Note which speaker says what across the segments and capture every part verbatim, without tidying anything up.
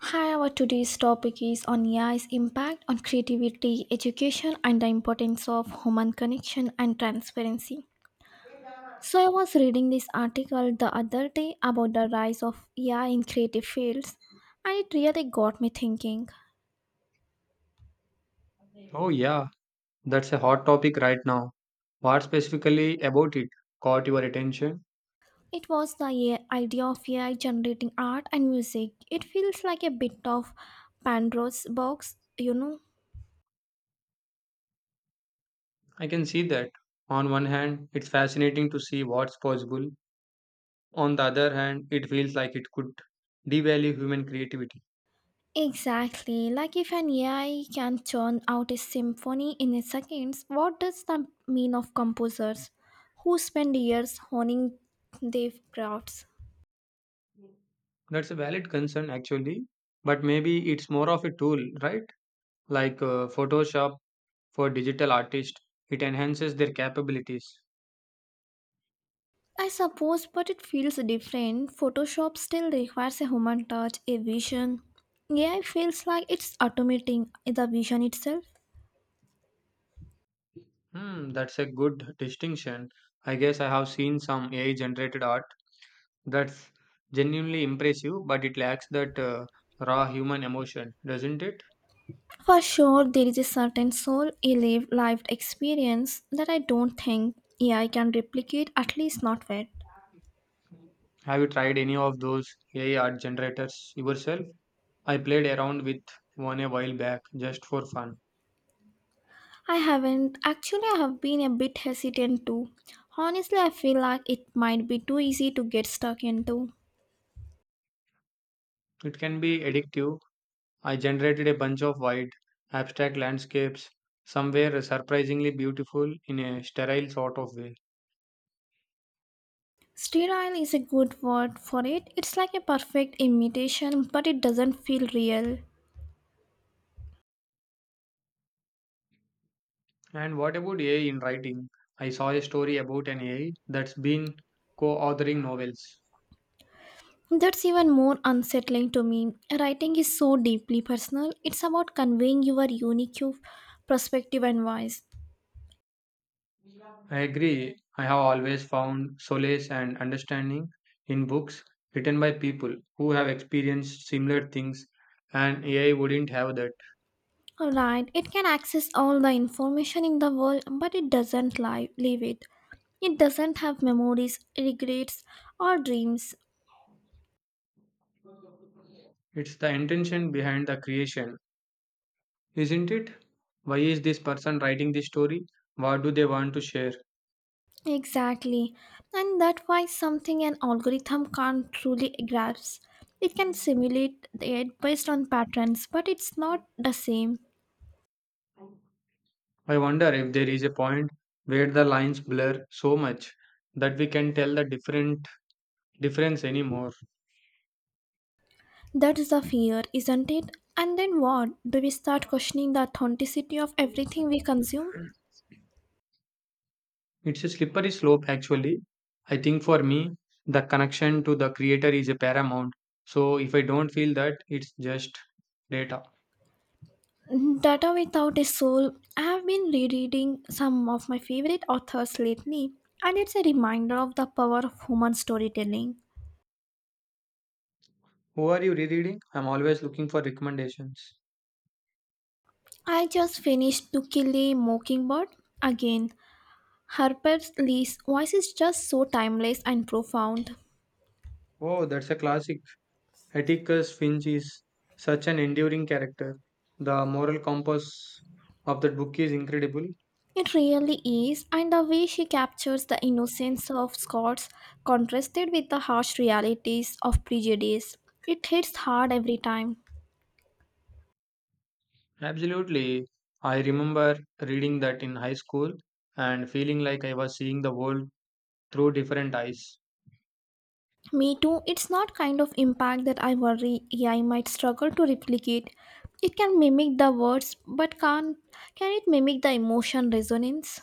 Speaker 1: Hi, our today's topic is on A I's impact on creativity, education, and the importance of human connection and transparency. So, I was reading this article the other day about the rise of A I in creative fields, and it really got me thinking.
Speaker 2: Oh, yeah, that's a hot topic right now. What specifically about it caught your attention?
Speaker 1: It was the A I idea of A I generating art and music. It feels like a bit of Pandora's box, you know,
Speaker 2: I can see that. On one hand, it's fascinating to see what's possible. On the other hand, it feels like it could devalue human creativity.
Speaker 1: Exactly. Like if an A I can turn out a symphony in a seconds, what does that mean of composers who spend years honing their crafts?
Speaker 2: That's a valid concern, actually. But maybe it's more of a tool, right? Like uh, Photoshop for digital artists, it enhances their capabilities.
Speaker 1: I suppose, but it feels different. Photoshop still requires a human touch, a vision. A I feels like it's automating the vision itself.
Speaker 2: Hmm, that's a good distinction. I guess I have seen some A I generated art that's genuinely impressive, but it lacks that uh, raw human emotion, doesn't it?
Speaker 1: For sure, there is a certain soul, a lived, lived experience that I don't think A I can replicate, at least not yet.
Speaker 2: Have you tried any of those A I art generators yourself? I played around with one a while back just for fun.
Speaker 1: I haven't. Actually, I have been a bit hesitant too. Honestly, I feel like it might be too easy to get stuck into.
Speaker 2: It can be addictive. I generated a bunch of wide, abstract landscapes, some were surprisingly beautiful in a sterile sort of way.
Speaker 1: Sterile is a good word for it. It's like a perfect imitation, but it doesn't feel real.
Speaker 2: And what about A I in writing? I saw a story about an A I that's been co authoring novels.
Speaker 1: That's even more unsettling to me. Writing is so deeply personal. It's about conveying your unique perspective and voice.
Speaker 2: I agree. I have always found solace and understanding in books written by people who have experienced similar things, and A I wouldn't have that.
Speaker 1: Alright, it can access all the information in the world, but it doesn't live, live it. It doesn't have memories, regrets, or dreams.
Speaker 2: It's the intention behind the creation, isn't it? Why is this person writing this story? What do they want to share?
Speaker 1: Exactly. And that's why something an algorithm can't truly grasp. It can simulate it based on patterns, but it's not the same.
Speaker 2: I wonder if there is a point where the lines blur so much that we can tell the different difference anymore.
Speaker 1: That is the fear, isn't it? And then what? Do we start questioning the authenticity of everything we consume?
Speaker 2: It's a slippery slope, actually. I think for me, the connection to the creator is a paramount. So if I don't feel that, it's just data.
Speaker 1: Data without a soul. I have been rereading some of my favorite authors lately, and it's a reminder of the power of human storytelling.
Speaker 2: Who are you rereading? I'm always looking for recommendations.
Speaker 1: I just finished To Kill a Mockingbird again. Harper Lee's voice is just so timeless and profound.
Speaker 2: Oh, that's a classic. Atticus Finch is such an enduring character. The moral compass of that book is incredible.
Speaker 1: It really is, and the way she captures the innocence of Scots contrasted with the harsh realities of prejudice. It hits hard every time.
Speaker 2: Absolutely. I remember reading that in high school and feeling like I was seeing the world through different eyes.
Speaker 1: Me too, it's not kind of impact that I worry A I might struggle to replicate. It can mimic the words, but can't, can it mimic the emotion resonance?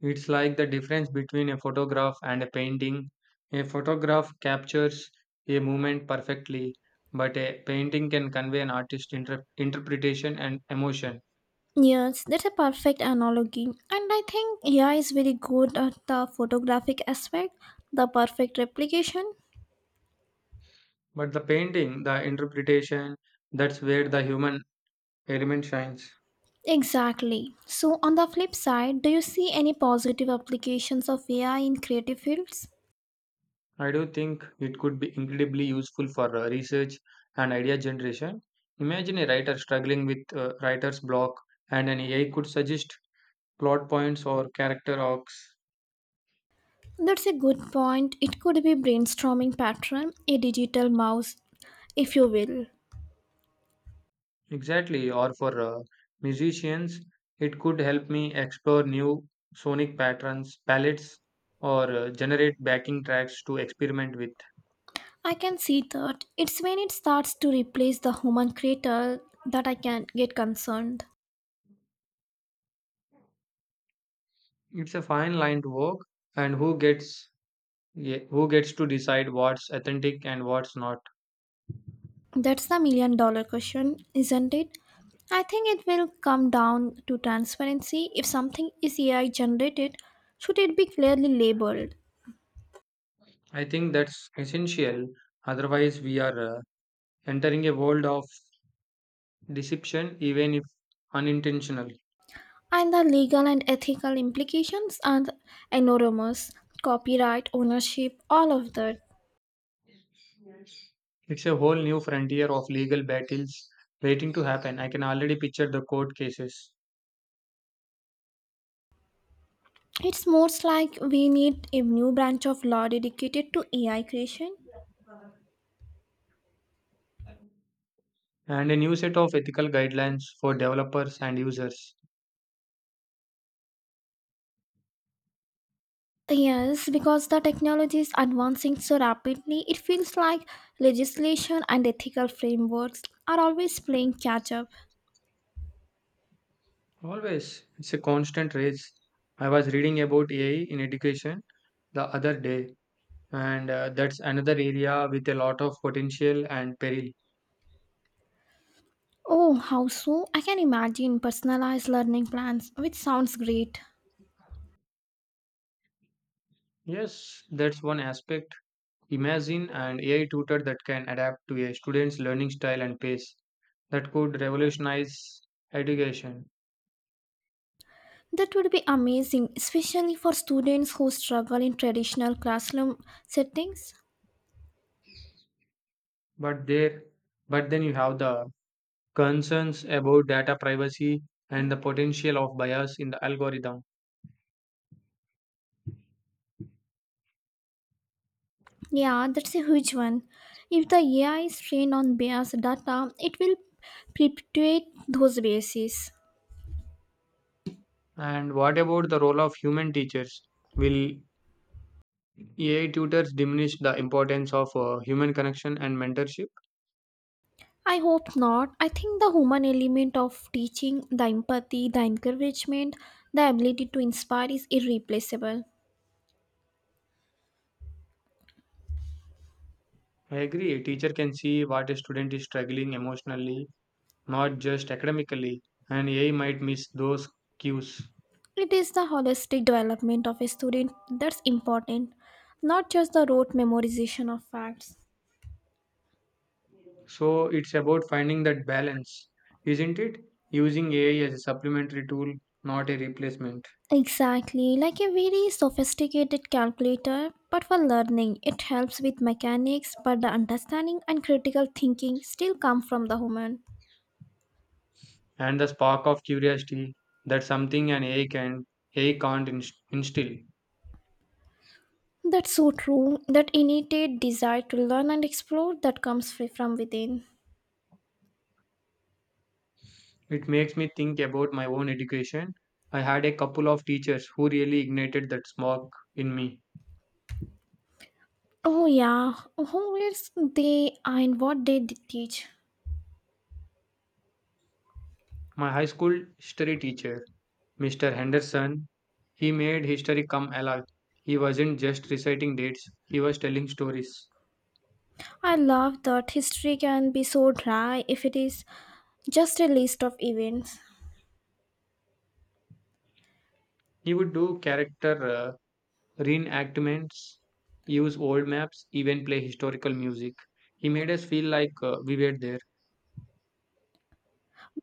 Speaker 2: It's like the difference between a photograph and a painting. A photograph captures a moment perfectly, but a painting can convey an artist's inter- interpretation and emotion.
Speaker 1: Yes, that's a perfect analogy. And I think A I is very good at the photographic aspect, the perfect replication.
Speaker 2: But the painting, the interpretation, that's where the human element shines.
Speaker 1: Exactly. So on the flip side, do you see any positive applications of A I in creative fields?
Speaker 2: I do think it could be incredibly useful for uh, research and idea generation. Imagine a writer struggling with uh, writer's block, and an A I could suggest plot points or character arcs.
Speaker 1: That's a good point. It could be brainstorming pattern, a digital mouse, if you will.
Speaker 2: Exactly, or for uh, musicians, it could help me explore new sonic patterns, palettes, or uh, generate backing tracks to experiment with.
Speaker 1: I can see that. It's when it starts to replace the human creator that I can get concerned.
Speaker 2: It's a fine line to walk, and who gets yeah, who gets to decide what's authentic and what's not.
Speaker 1: That's the million dollar question, isn't it? I think it will come down to transparency. If something is A I generated, should it be clearly labeled?
Speaker 2: I think that's essential. Otherwise, we are uh, entering a world of deception, even if unintentional.
Speaker 1: And the legal and ethical implications are enormous. Copyright, ownership, all of that.
Speaker 2: It's a whole new frontier of legal battles waiting to happen. I can already picture the court cases.
Speaker 1: It's most like we need a new branch of law dedicated to A I creation.
Speaker 2: And a new set of ethical guidelines for developers and users.
Speaker 1: Yes, because the technology is advancing so rapidly, it feels like legislation and ethical frameworks are always playing catch up.
Speaker 2: Always, it's a constant race. I was reading about A I in education the other day, and uh, that's another area with a lot of potential and peril.
Speaker 1: Oh, how so? I can imagine personalized learning plans, which sounds great.
Speaker 2: Yes, that's one aspect. Imagine an A I tutor that can adapt to a student's learning style and pace. That could revolutionize education.
Speaker 1: That would be amazing, especially for students who struggle in traditional classroom settings.
Speaker 2: But there, but then you have the concerns about data privacy and the potential of bias in the algorithm.
Speaker 1: Yeah, that's a huge one. If the A I is trained on biased data, it will perpetuate those biases.
Speaker 2: And what about the role of human teachers? Will A I tutors diminish the importance of uh, human connection and mentorship?
Speaker 1: I hope not. I think the human element of teaching, the empathy, the encouragement, the ability to inspire is irreplaceable.
Speaker 2: I agree. A teacher can see what a student is struggling emotionally, not just academically, and A I might miss those cues.
Speaker 1: It is the holistic development of a student that's important, not just the rote memorization of facts.
Speaker 2: So it's about finding that balance, isn't it? Using A I as a supplementary tool, not a replacement.
Speaker 1: Exactly, like a very sophisticated calculator, but for learning, it helps with mechanics, but the understanding and critical thinking still come from the human.
Speaker 2: And the spark of curiosity that something an A I can A I can't inst- instill.
Speaker 1: That's so true. That innate desire to learn and explore that comes free from within.
Speaker 2: It makes me think about my own education. I had a couple of teachers who really ignited that spark in me.
Speaker 1: Oh yeah, who is they and what they d- teach.
Speaker 2: My high school history teacher, Mister Henderson, he made history come alive. He wasn't just reciting dates, he was telling stories.
Speaker 1: I love that history can be so dry if it is just a list of events.
Speaker 2: He would do character uh, reenactments, use old maps, even play historical music. He made us feel like uh, we were there.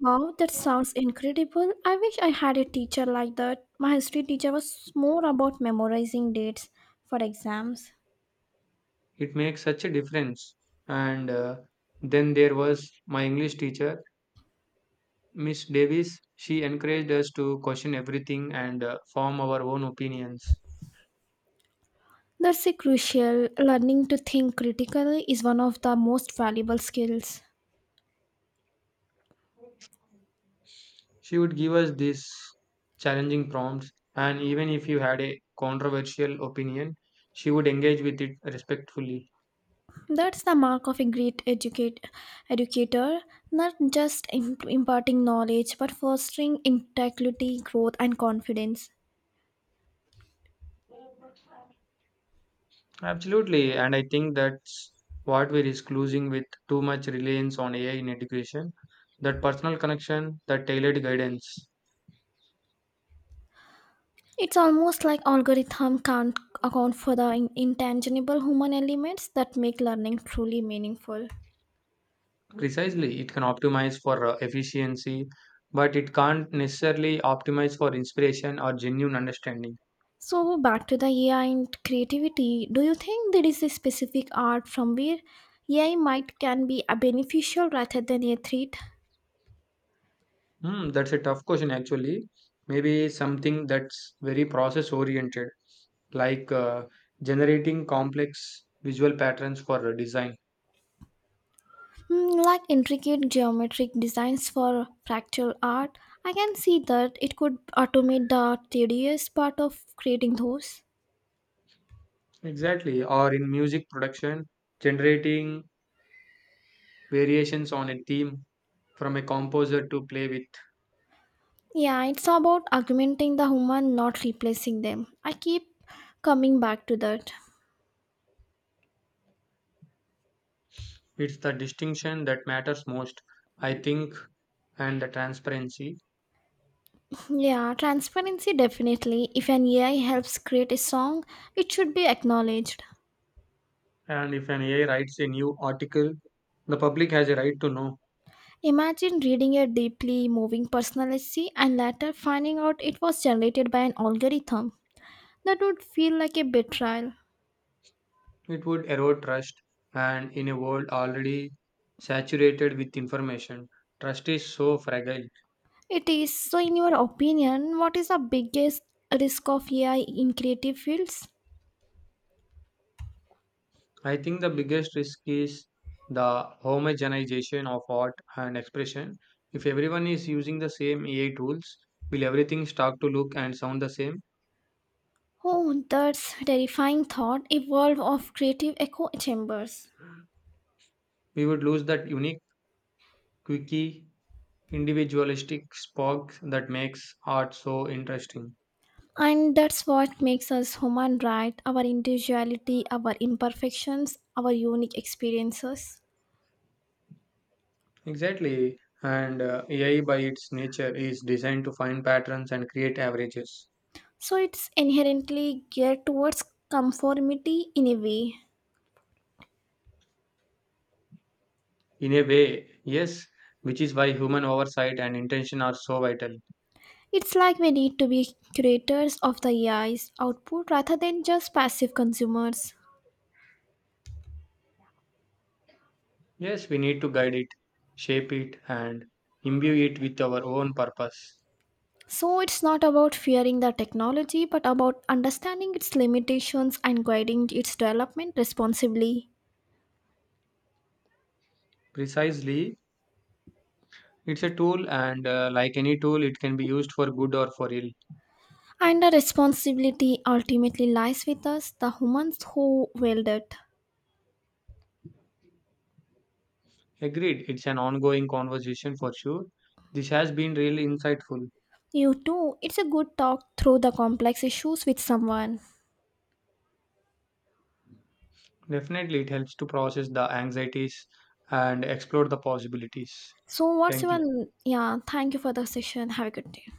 Speaker 1: Wow, that sounds incredible. I wish I had a teacher like that. My history teacher was more about memorizing dates for exams.
Speaker 2: It makes such a difference. And uh, then there was my English teacher, Miss Davis. She encouraged us to question everything and uh, form our own opinions.
Speaker 1: That's a crucial. Learning to think critically is one of the most valuable skills.
Speaker 2: She would give us these challenging prompts, and even if you had a controversial opinion, she would engage with it respectfully.
Speaker 1: That's the mark of a great educate, educator, not just im- imparting knowledge but fostering integrity, growth, and confidence.
Speaker 2: Absolutely, and I think that's what we risk losing with too much reliance on A I in education, that personal connection, that tailored guidance.
Speaker 1: It's almost like algorithm can't account for the in- intangible human elements that make learning truly meaningful.
Speaker 2: Precisely, it can optimize for uh, efficiency, but it can't necessarily optimize for inspiration or genuine understanding.
Speaker 1: So back to the A I and creativity. Do you think there is a specific art from where A I might can be a beneficial rather than a threat?
Speaker 2: Hmm, that's a tough question, actually. Maybe something that's very process oriented, like uh, generating complex visual patterns for uh, design.
Speaker 1: Hmm, like intricate geometric designs for fractal art, I can see that it could automate the tedious part of creating those.
Speaker 2: Exactly, or in music production, generating variations on a theme from a composer to play with.
Speaker 1: Yeah, it's about augmenting the human, not replacing them. I keep coming back to that.
Speaker 2: It's the distinction that matters most, I think, and the transparency.
Speaker 1: Yeah, transparency definitely. If an A I helps create a song, it should be acknowledged.
Speaker 2: And if an A I writes a new article, the public has a right to know.
Speaker 1: Imagine reading a deeply moving personal essay and later finding out it was generated by an algorithm. That would feel like a betrayal.
Speaker 2: It would erode trust, and in a world already saturated with information, trust is so fragile.
Speaker 1: It is. So, in your opinion, what is the biggest risk of A I in creative fields?
Speaker 2: I think the biggest risk is the homogenization of art and expression. If everyone is using the same A I tools, will everything start to look and sound the same?
Speaker 1: Oh, that's terrifying thought, a world of creative echo chambers.
Speaker 2: We would lose that unique, quirky, individualistic spark that makes art so interesting.
Speaker 1: And that's what makes us human, right? Our individuality, our imperfections, our unique experiences.
Speaker 2: Exactly. And uh, A I, by its nature, is designed to find patterns and create averages.
Speaker 1: So it's inherently geared towards conformity in a way.
Speaker 2: In a way, yes, which is why human oversight and intention are so vital.
Speaker 1: It's like we need to be curators of the A I's output rather than just passive consumers.
Speaker 2: Yes, we need to guide it, shape it, and imbue it with our own purpose.
Speaker 1: So it's not about fearing the technology, but about understanding its limitations and guiding its development responsibly.
Speaker 2: Precisely, it's a tool, and uh, like any tool, it can be used for good or for ill.
Speaker 1: And the responsibility ultimately lies with us, the humans who wield it.
Speaker 2: Agreed, it's an ongoing conversation for sure. This has been really insightful.
Speaker 1: You too, it's a good talk through the complex issues with someone.
Speaker 2: Definitely, it helps to process the anxieties and explore the possibilities.
Speaker 1: So, what's
Speaker 2: Thank you.
Speaker 1: your. Yeah, thank you for the session. Have a good day.